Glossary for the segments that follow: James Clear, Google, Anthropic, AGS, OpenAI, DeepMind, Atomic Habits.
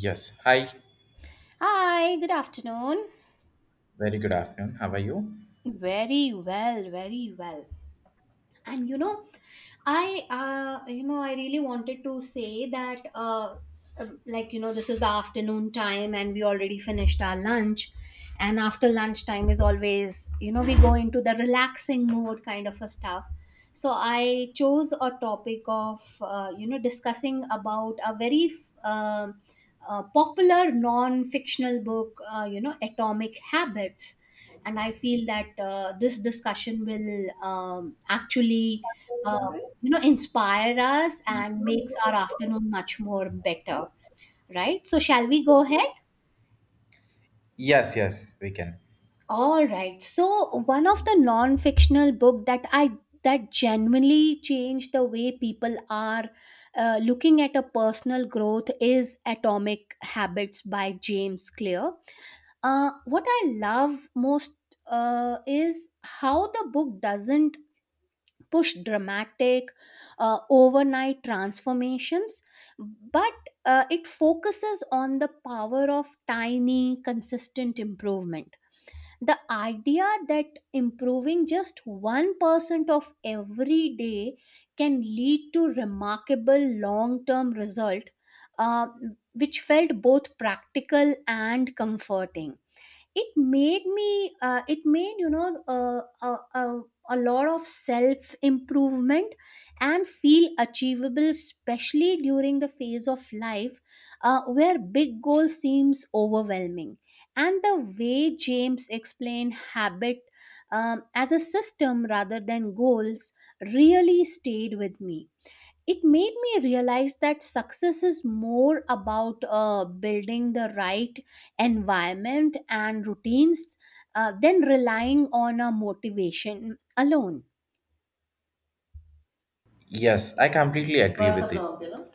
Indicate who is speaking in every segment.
Speaker 1: Yes. Hi.
Speaker 2: Hi, good afternoon.
Speaker 1: Very good afternoon. How are you?
Speaker 2: Very well, very well. And you know I really wanted to say that this is the afternoon time and we already finished our lunch, and after lunch time is always, we go into the relaxing mode kind of a stuff. So I chose a topic of discussing about a very um popular non-fictional book, Atomic Habits. And I feel that this discussion will actually uh, inspire us and makes our afternoon much more better. Right, so shall we go ahead?
Speaker 1: Yes, yes, we can.
Speaker 2: All right, so one of the non-fictional book that I that genuinely changed the way people are looking at a personal growth is Atomic Habits by James Clear. What I love most is how the book doesn't push dramatic overnight transformations, but it focuses on the power of tiny consistent improvement. The idea that improving just 1% of every day can lead to remarkable long-term result, uh, which felt both practical and comforting. It made me it made you know a lot of self improvement and feel achievable, especially during the phase of life where big goal seems overwhelming. And the way James explained habit, as a system rather than goals, really stayed with me. It made me realize that success is more about building the right environment and routines than relying on a motivation alone.
Speaker 1: Yes, I completely agree with it.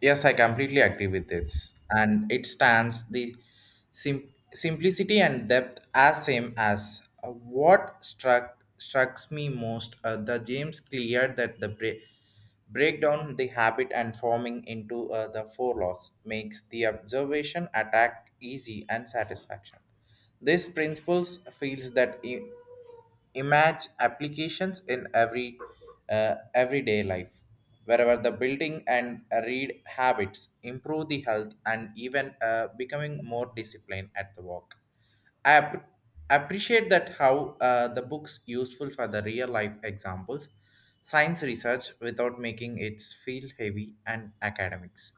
Speaker 1: Yes, I completely agree with this. And it stands the simplicity and depth as same as what struck strikes me most, the James clear that the break down the habit and forming into the four laws makes the observation attack easy and satisfaction. This principles feels that image applications in every everyday life, wherever the building and read habits improve the health, and even becoming more disciplined at the work. I appreciate that how the books useful for the real life examples, science research, without making it feel heavy and academics.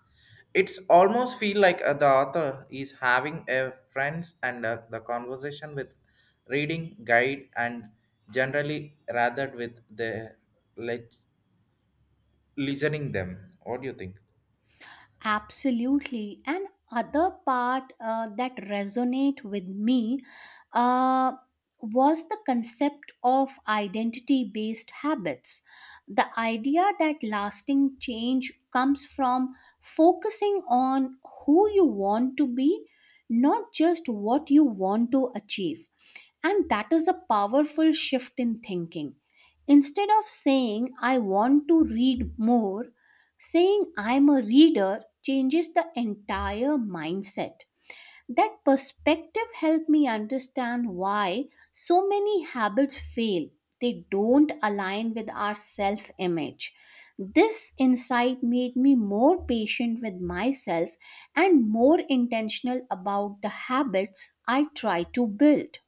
Speaker 1: It's almost feel like the author is having a friends and the conversation with reading, guide, and generally rather with the le- listening them. What do you think?
Speaker 2: Absolutely. And other part that resonate with me uh, was the concept of identity based habits. The idea that lasting change comes from focusing on who you want to be, not just what you want to achieve. And that is a powerful shift in thinking. Instead of saying, I want to read more, saying I'm a reader changes the entire mindset. That perspective helped me understand why so many habits fail. They don't align with our self image. This insight made me more patient with myself and more intentional about the habits I try to build.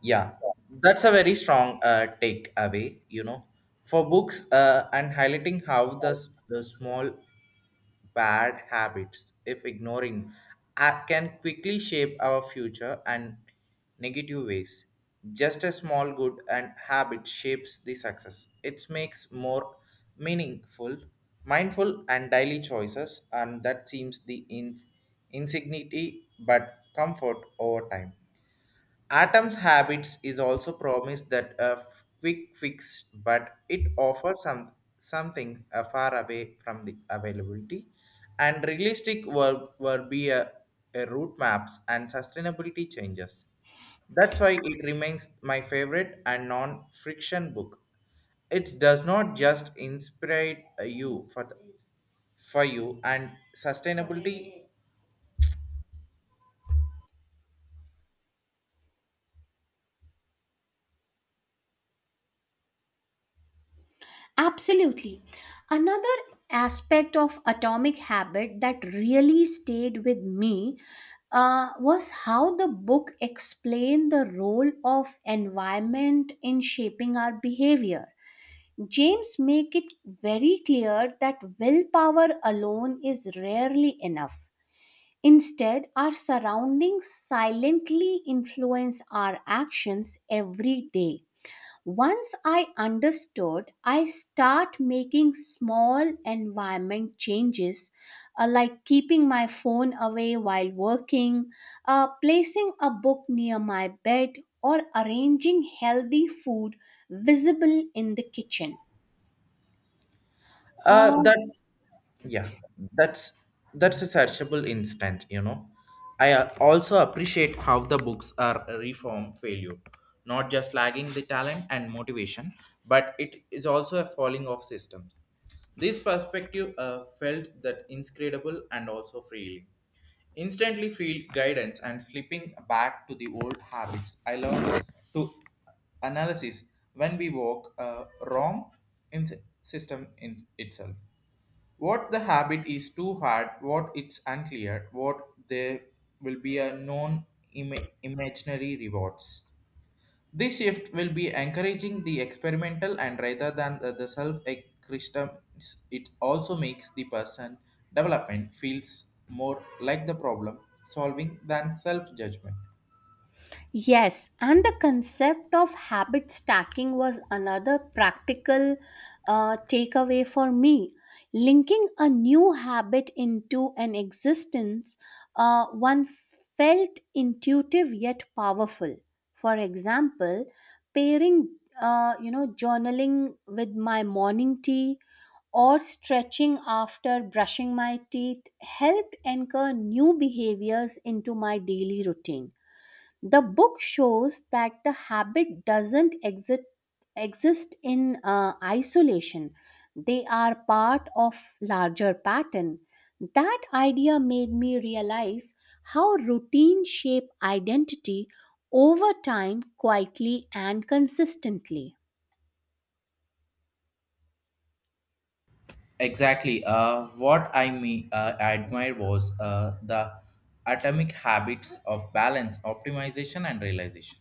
Speaker 1: Yeah, that's a very strong take away, for books, and highlighting how the small bad habits, if ignoring, can quickly shape our future and negative ways. Just a small good and habit shapes the success. It makes more meaningful, mindful, and daily choices, and that seems the insignity but comfort over time. Atom's habits is also promised that a quick fix, but it offers something far away from the availability. And realistic were be a route maps and sustainability changes. That's why it remains my favorite and non-friction book. It does not just inspire you for you and sustainability.
Speaker 2: Absolutely. Another aspect of Atomic Habit that really stayed with me was how the book explained the role of environment in shaping our behavior. James make it very clear that willpower alone is rarely enough. Instead, our surroundings silently influence our actions every day. Once I understood, I start making small environment changes, like keeping my phone away while working, placing a book near my bed, or arranging healthy food visible in the kitchen. Uh,
Speaker 1: That's yeah, that's that's a searchable instant. I also appreciate how the books are a reform failure, not just lagging the talent and motivation, but it is also a falling off system. This perspective felt that inscrutable and also freeing. Instantly feel guidance and slipping back to the old habits. I learned to analysis when we walk wrong in system in itself. What the habit is too hard, what it's unclear, what there will be a non imaginary rewards. This shift will be encouraging the experimental and rather than the self crystal. It also makes the person development feels more like the problem solving than self judgment.
Speaker 2: Yes, and the concept of habit stacking was another practical takeaway for me. Linking a new habit into an existence, one, felt intuitive yet powerful. For example, pairing, journaling with my morning tea or stretching after brushing my teeth helped anchor new behaviors into my daily routine. The book shows that the habit doesn't exist in isolation. They are part of larger pattern. That idea made me realize how routine shape identity over time, quietly and consistently.
Speaker 1: Exactly. What I mean, admire was the atomic habits of balance, optimization, and realization.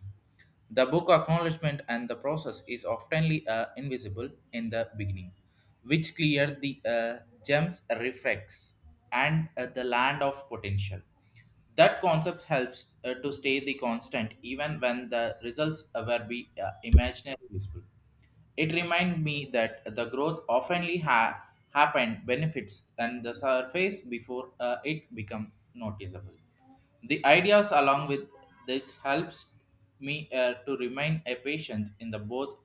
Speaker 1: The book acknowledgement and the process is oftenly invisible in the beginning, which clear the gems reflects and the land of potential. That concept helps to stay the constant even when the results were be imaginary visible. It reminded me that the growth oftenly happened benefits and the surface before it become noticeable. The ideas along with this helps me to remain a patient in the both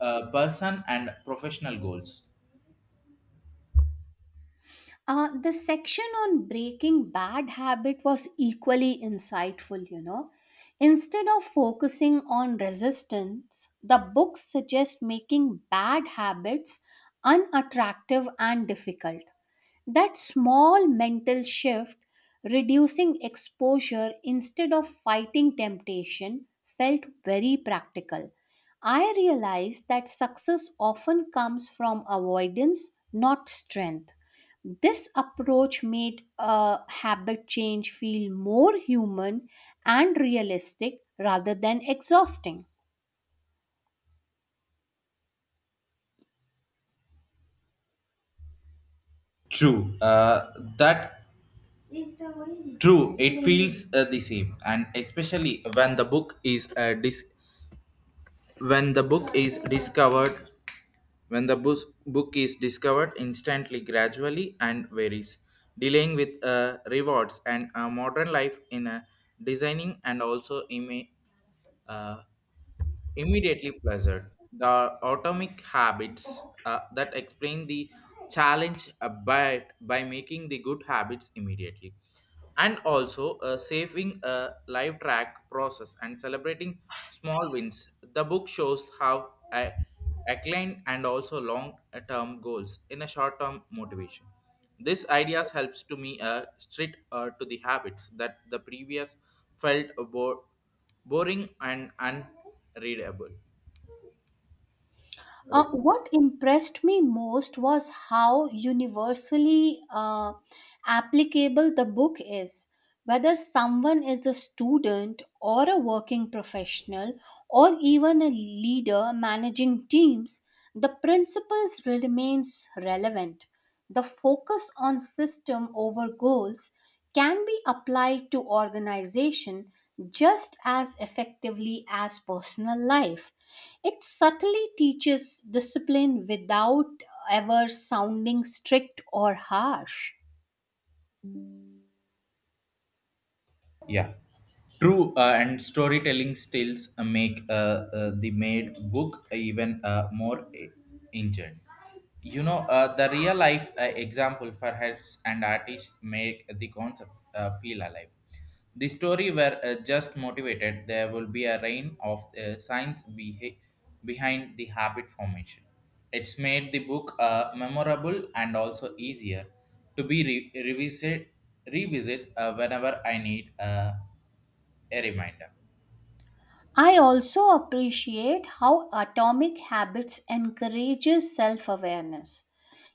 Speaker 1: person and professional goals.
Speaker 2: The section on breaking bad habit was equally insightful, you know. Instead of focusing on resistance, the book suggests making bad habits unattractive and difficult. That small mental shift, reducing exposure instead of fighting temptation, felt very practical. I realized that success often comes from avoidance, not strength. This approach made a habit change feel more human and realistic rather than exhausting.
Speaker 1: True, uh, that True, it feels the same, and especially when the book is dis- when the book is discovered book is discovered instantly gradually and varies dealing with rewards and a modern life in a designing, and also uh, immediately pleasured. The atomic habits that explain the challenge by making the good habits immediately, and also saving a live track process and celebrating small wins. The book shows how I acclaim and also long-term goals in a short-term motivation. This ideas helps to me straight to the habits that the previous felt bored boring and unreadable.
Speaker 2: What impressed me most was how universally applicable the book is. Whether someone is a student or a working professional or even a leader managing teams, the principles remains relevant. The focus on system over goals can be applied to organization just as effectively as personal life. It subtly teaches discipline without ever sounding strict or harsh.
Speaker 1: Yeah. True, and storytelling styles make the made book even more engaging. The real life example for helps and artists make the concepts feel alive. The story were just motivated. There will be a rain of science behind the habit formation. It's made the book memorable and also easier to be revisit whenever I need. A reminder.
Speaker 2: I also appreciate how Atomic Habits encourages self-awareness.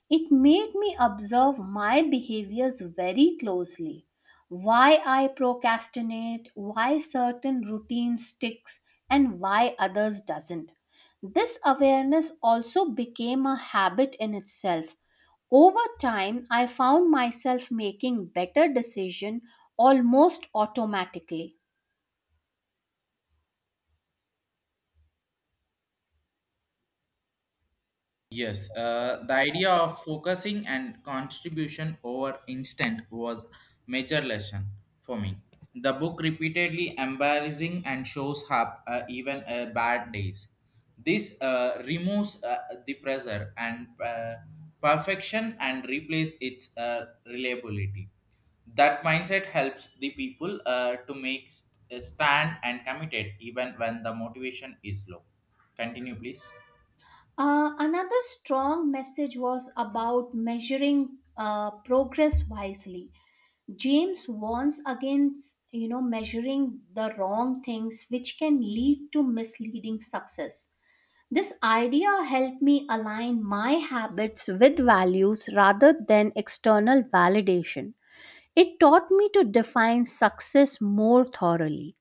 Speaker 2: It made me observe my behaviors very closely. Why I procrastinate, why certain routine sticks, and why others doesn't. This awareness also became a habit in itself. Over time, I found myself making better decision almost automatically.
Speaker 1: Yes, the idea of focusing and contribution over instant was major lesson for me. The book repeatedly embarrassing and shows up even bad days. This removes the pressure and perfection and replace its reliability. That mindset helps the people to make stand and committed even when the motivation is low. Continue, please.
Speaker 2: Another strong message was about measuring progress wisely. James warns against, you know, measuring the wrong things, which can lead to misleading success. This idea helped me align my habits with values rather than external validation. It taught me to define success more thoroughly.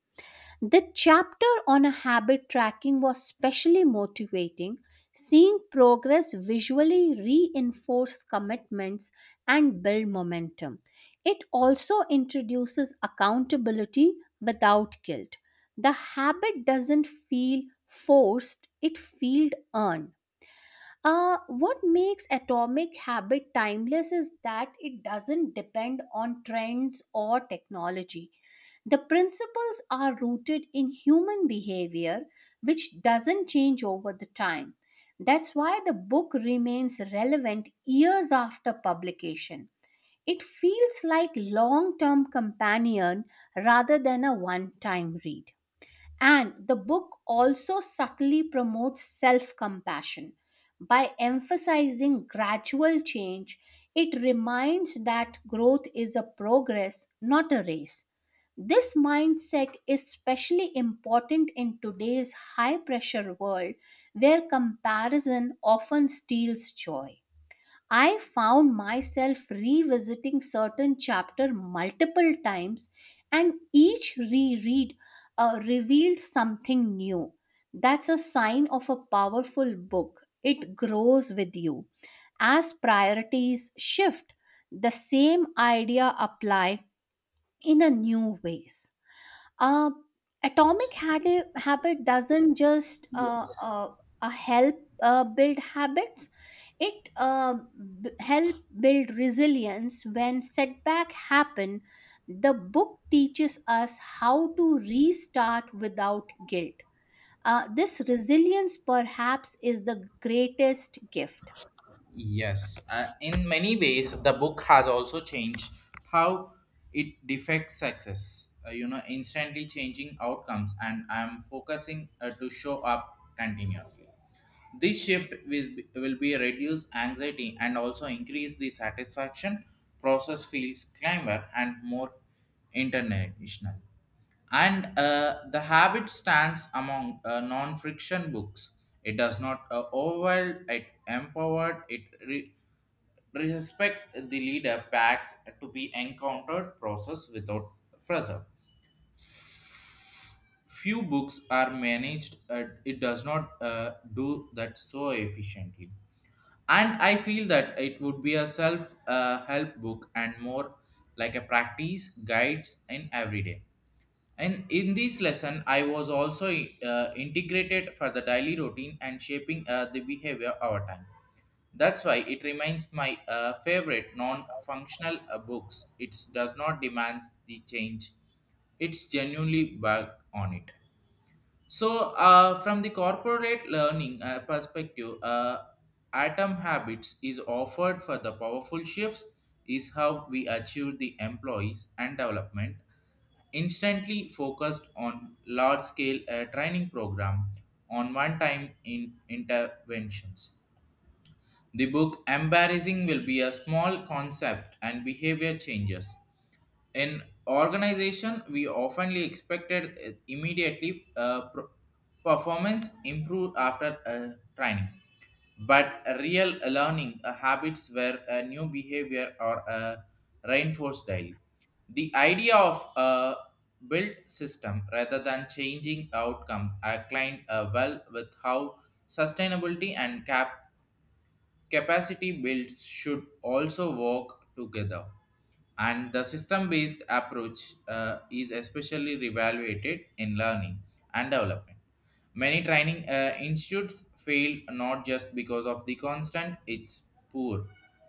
Speaker 2: The chapter on a habit tracking was specially motivating, seeing progress visually reinforce commitments and build momentum. It also introduces accountability without guilt. The habit doesn't feel forced, it feels earned. What makes Atomic Habit timeless is that it doesn't depend on trends or technology. The principles are rooted in human behavior, which doesn't change over the time. That's why the book remains relevant years after publication. It feels like long-term companion rather than a one-time read. And the book also subtly promotes self compassion. By emphasizing gradual change, it reminds that growth is a progress, not a race. This mindset is especially important in today's high pressure world where comparison often steals joy. I found myself revisiting certain chapter multiple times, and each reread revealed something new. That's a sign of a powerful book. It grows with you. As priorities shift, the same idea apply in a new ways. Uh, atomic habit, habit doesn't just help build habits, it b- help build resilience when setback happen. The book teaches us how to restart without guilt. This resilience perhaps is the greatest gift.
Speaker 1: Yes, in many ways, the book has also changed how it defects success. Instantly changing outcomes, and I'm focusing to show up continuously. This shift will be reduce anxiety and also increase the satisfaction. Process feels climber and more international. And the habit stands among non-friction books. It does not overwhelm. It empowered. It respect the leader packs to be encountered process without pressure. Few books are managed. It does not do that so efficiently, and I feel that it would be a self help book and more like a practice guides in everyday. And in this lesson, I was also integrated for the daily routine and shaping the behavior over time. That's why it remains my favorite non-functional books. It does not demand the change. It's genuinely back on it. So, from the corporate learning perspective, Atom Habits is offered for the powerful shifts, is how we achieve the employees and development, instantly focused on large scale training program on one time in interventions. The book Embarrassing will be a small concept and behavior changes in organization. We oftenly expected immediately performance improve after training, but real learning habits where a new behavior or reinforced daily. The idea of a built system rather than changing outcome aligned well with how sustainability and capacity builds should also work together. And the system based approach is especially reevaluated in learning and development. Many training institutes fail not just because of the constant it's poor,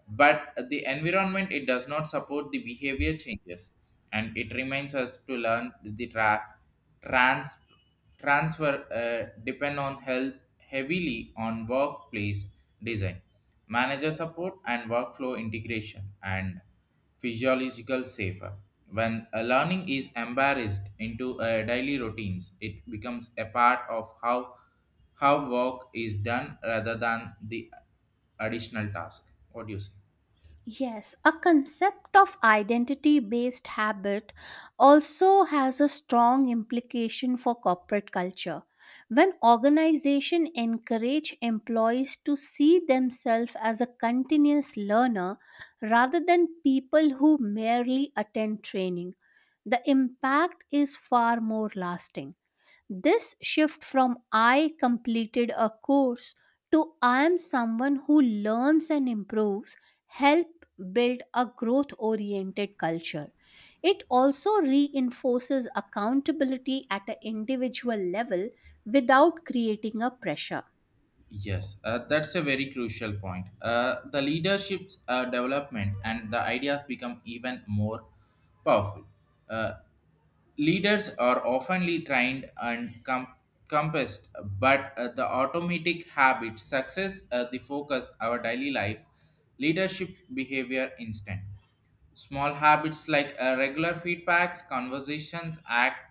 Speaker 1: but the environment it does not support the behavior changes. And it reminds us to learn the trans transfer depend on health heavily on workplace design, manager support, and workflow integration, and physiological safer. When a learning is embarrassed into a daily routines, it becomes a part of how work is done rather than the additional task. What do you say?
Speaker 2: Yes, a concept of identity based habit also has a strong implication for corporate culture. When organizations encourage employees to see themselves as a continuous learner rather than people who merely attend training, the impact is far more lasting. This shift from I completed a course to I am someone who learns and improves help build a growth oriented culture. It also reinforces accountability at an individual level without creating a pressure.
Speaker 1: Yes, that's a very crucial point. The leadership's development and the ideas become even more powerful. Uh, Leaders are oftenly trained and compassed, but the automatic habit, success, the focus, our daily life, leadership behavior instant. Small habits like regular feedbacks, conversations,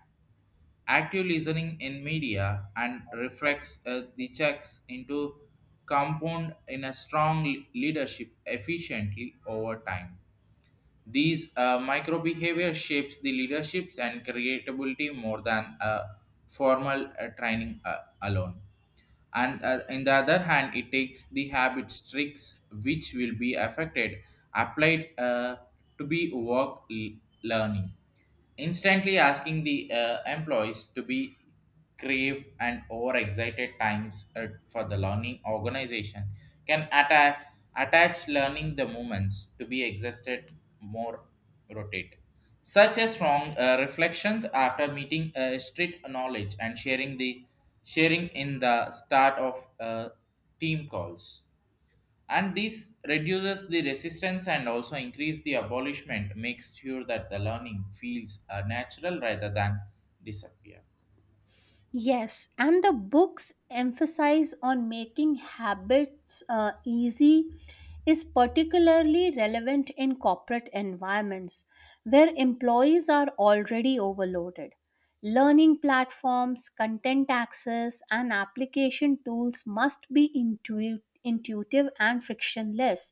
Speaker 1: active listening in media, and reflects the checks into compound in a strong leadership efficiently over time. These micro behavior shapes the leaderships and creatability more than a formal training alone. And in the other hand it takes the habit tricks which will be affected applied to be work learning, instantly asking the employees to be crave and overexcited times for the learning organization can attach learning the movements to be existed more rotate, such a strong reflections after meeting strict knowledge and sharing in the start of team calls. And this reduces the resistance and also increase the abolishment, makes sure that the learning feels natural rather than disappear.
Speaker 2: Yes, and the books emphasize on making habits easy is particularly relevant in corporate environments where employees are already overloaded. Learning platforms, content access, and application tools must be intuitive and frictionless.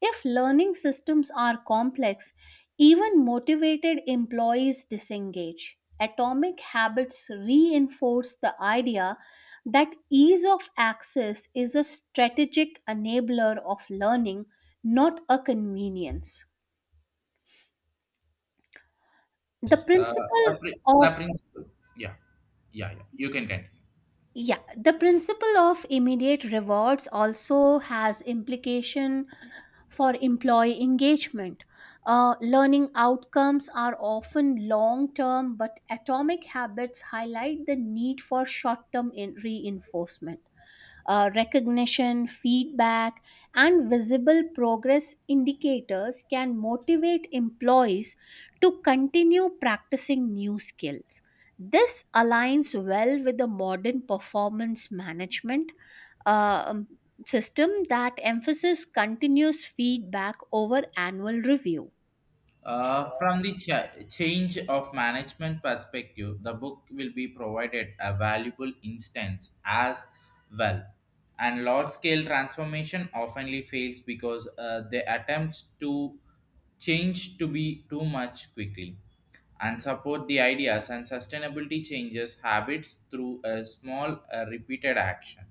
Speaker 2: If learning systems are complex, even motivated employees disengage. Atomic habits reinforce the idea that ease of access is a strategic enabler of learning, not a convenience.
Speaker 1: Yes,
Speaker 2: The principle
Speaker 1: The
Speaker 2: of,
Speaker 1: principle. Yeah, yeah, yeah. You can continue.
Speaker 2: yeah, the principle of immediate rewards also has implication for employee engagement. Learning outcomes are often long term, but atomic habits highlight the need for short term reinforcement. Recognition, feedback, and visible progress indicators can motivate employees to continue practicing new skills. This aligns well with the modern performance management um system that emphasis continuous feedback over annual review.
Speaker 1: From the change of management perspective, the book will be provided a valuable instance as well. And large scale transformation oftenly fails because they attempts to change to be too much quickly and support the ideas and sustainability changes habits through a small repeated action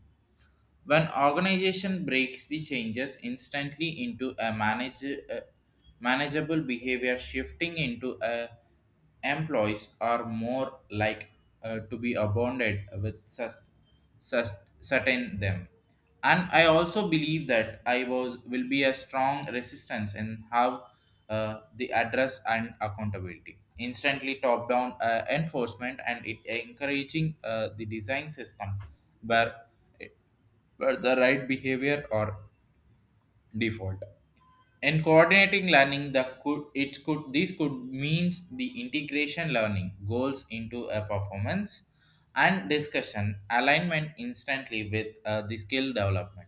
Speaker 1: when organization breaks the changes instantly into a manageable behavior, shifting into a employees are more like to be abounded with certain them. And I also believe that I was will be a strong resistance in how the address and accountability, instantly top down enforcement, and it encouraging the design system where were the right behavior or default. In coordinating learning, the could it could this could means the integration learning goals into a performance and discussion alignment, instantly with the skill development.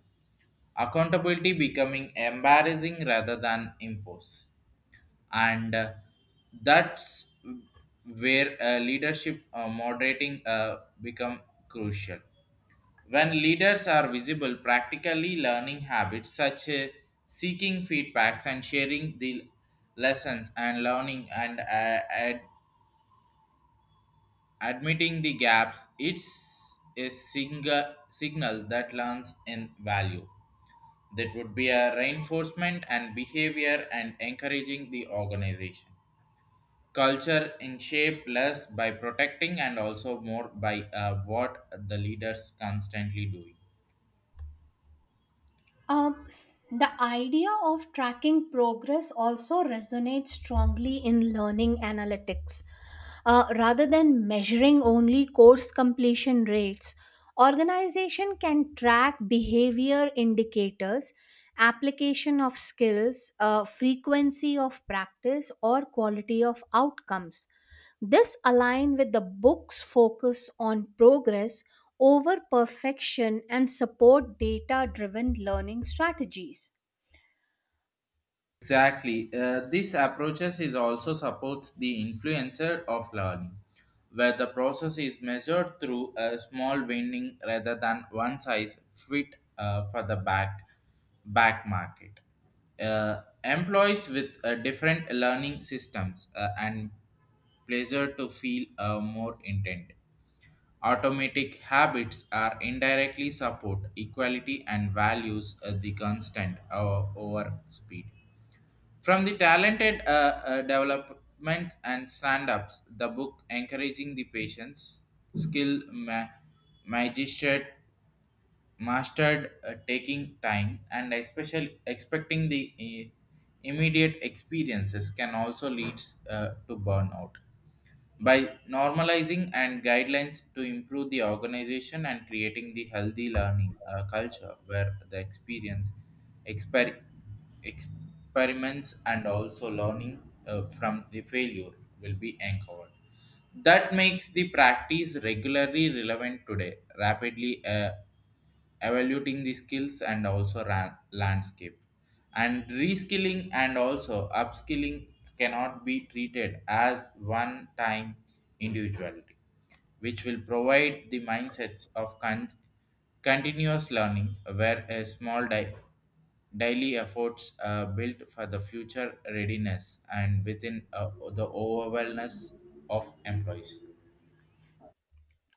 Speaker 1: Accountability becoming embarrassing rather than impose, and that's where leadership moderating become crucial. When leaders are visible, practically learning habits such as seeking feedbacks and sharing the lessons and learning and admitting the gaps, it's a single signal that learns in value. That would be a reinforcement and behavior and encouraging the organization. Culture in shape less by protecting and also more by what the leaders constantly doing.
Speaker 2: Um, the idea of tracking progress also resonates strongly in learning analytics. Rather than measuring only course completion rates, organization can track behavior indicators, application of skills, frequency of practice, or quality of outcomes. This align with the book's focus on progress over perfection and support data driven learning strategies.
Speaker 1: Exactly. This approaches is also supports the influencer of learning, where the process is measured through a small winning rather than one size fit for the back market. Employees with different learning systems and pleasure to feel more intent. Automatic habits are indirectly support equality and values the constant over speed. From the talented development and stand ups, the book encouraging the patience, skill, magistrate, mastered taking time, and especially expecting the immediate experiences can also leads to burnout by normalizing and guidelines to improve the organization and creating the healthy learning culture where the exper- experiments and also learning from the failure will be anchored, that makes the practice regularly relevant today, rapidly evaluating the skills and also landscape. And reskilling and also upskilling cannot be treated as one time individuality, which will provide the mindsets of continuous learning where a small daily efforts are built for the future readiness and within the overwhelmness of employees.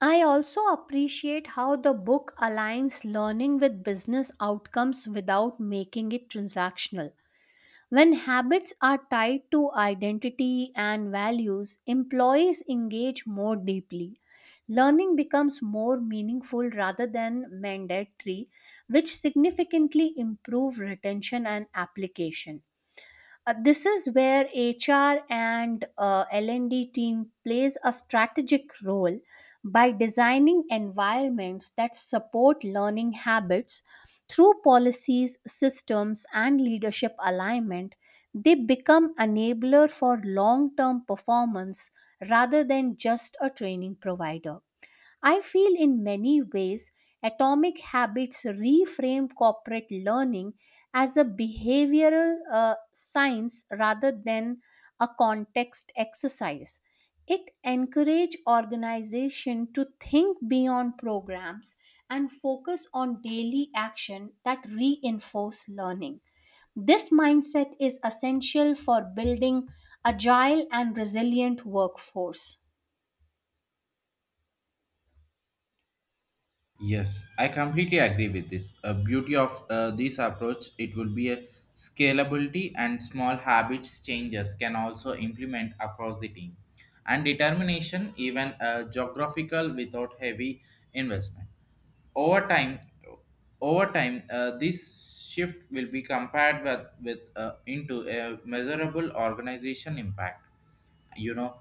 Speaker 2: I also appreciate how the book aligns learning with business outcomes without making it transactional. When habits are tied to identity and values, employees engage more deeply. Learning becomes more meaningful rather than mandatory, which significantly improve retention and application. This is where HR and L&D team plays a strategic role by designing environments that support learning habits through policies, systems, and leadership alignment. They become enabler for long-term performance rather than just a training provider. I feel in many ways atomic habits reframe corporate learning as a behavioral science rather than a context exercise. It encourage organization to think beyond programs and focus on daily action that reinforce learning. This mindset is essential for building agile and resilient workforce.
Speaker 1: Yes, I completely agree with this. A beauty of this approach, it will be a scalability, and small habits changes can also implement across the team and determination even geographical without heavy investment over time. This shift will be compared with into a measurable organization impact, you know,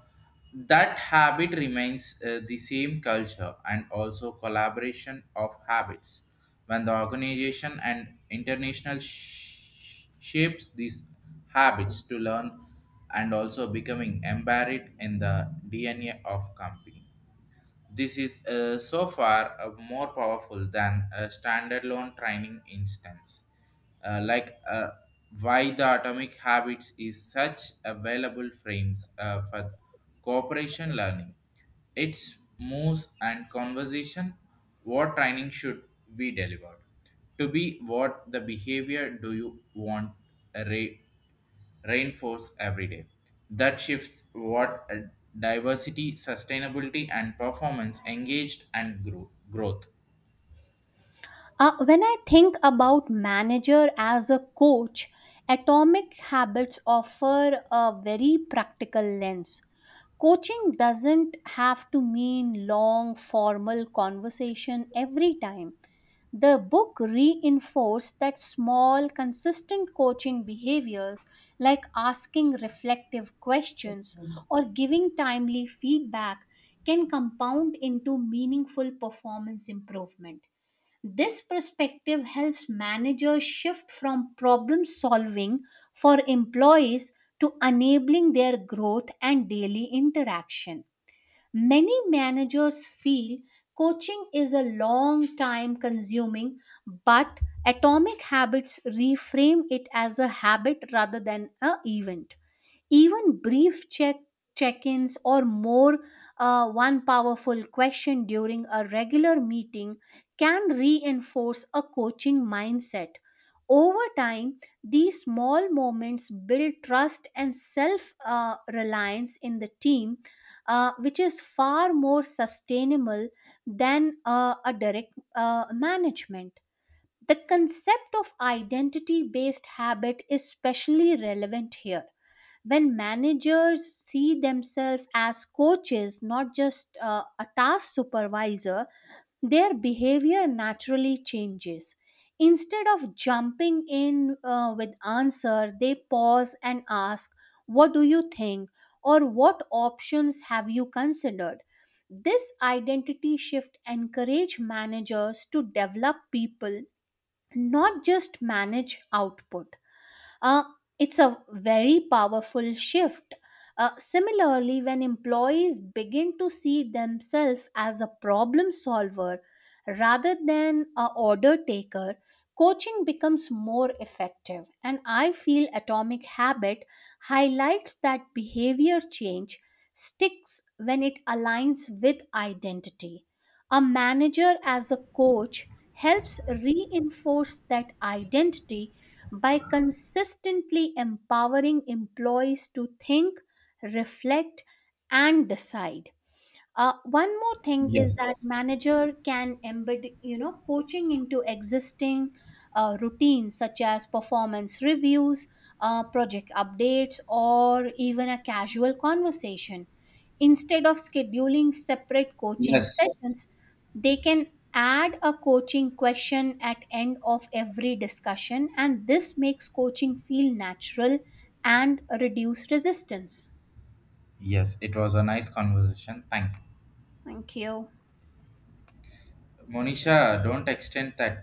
Speaker 1: that habit remains the same culture and also collaboration of habits, when the organization and international shapes these habits to learn and also becoming embedded in the DNA of company. This is so far more powerful than a standalone training instance. Like why the atomic habits is such available frames for cooperation learning. Its moves and conversation, what training should be delivered. To be what the behavior do you want uh, re- rainforest every day. That shifts what diversity, sustainability, and performance engaged and growth.
Speaker 2: When I think about manager as a coach, Atomic Habits offer a very practical lens. Coaching doesn't have to mean long formal conversation every time. The book reinforced that small, consistent coaching behaviors like asking reflective questions or giving timely feedback can compound into meaningful performance improvement. This perspective helps managers shift from problem solving for employees to enabling their growth and daily interaction. Many managers feel coaching is a long time consuming, but Atomic Habits reframe it as a habit rather than an event. Even brief check-ins or more one powerful question during a regular meeting can reinforce a coaching mindset. Over time, these small moments build trust and self reliance in the team, which is far more sustainable than a direct management. The concept of identity based habit is especially relevant here. When managers see themselves as coaches, not just a task supervisor, their behavior naturally changes. Instead of jumping in with answer, they pause and ask, what do you think, or what options have you considered? This identity shift encourage managers to develop people, not just manage output. uh, it's a very powerful shift. Similarly, when employees begin to see themselves as a problem solver rather than a order taker, coaching becomes more effective. And I feel Atomic Habit highlights that behavior change sticks when it aligns with identity. A manager as a coach helps reinforce that identity by consistently empowering employees to think, reflect, and decide. One more thing is that
Speaker 1: Yes.
Speaker 2: manager can embed, coaching into existing routines such as performance reviews, project updates, or even a casual conversation. Instead of scheduling separate coaching
Speaker 1: Yes.
Speaker 2: sessions, they can add a coaching question at end of every discussion, and this makes coaching feel natural and reduce resistance.
Speaker 1: Yes. It was a nice conversation. Thank you.
Speaker 2: Thank you.
Speaker 1: Monisha, don't extend that.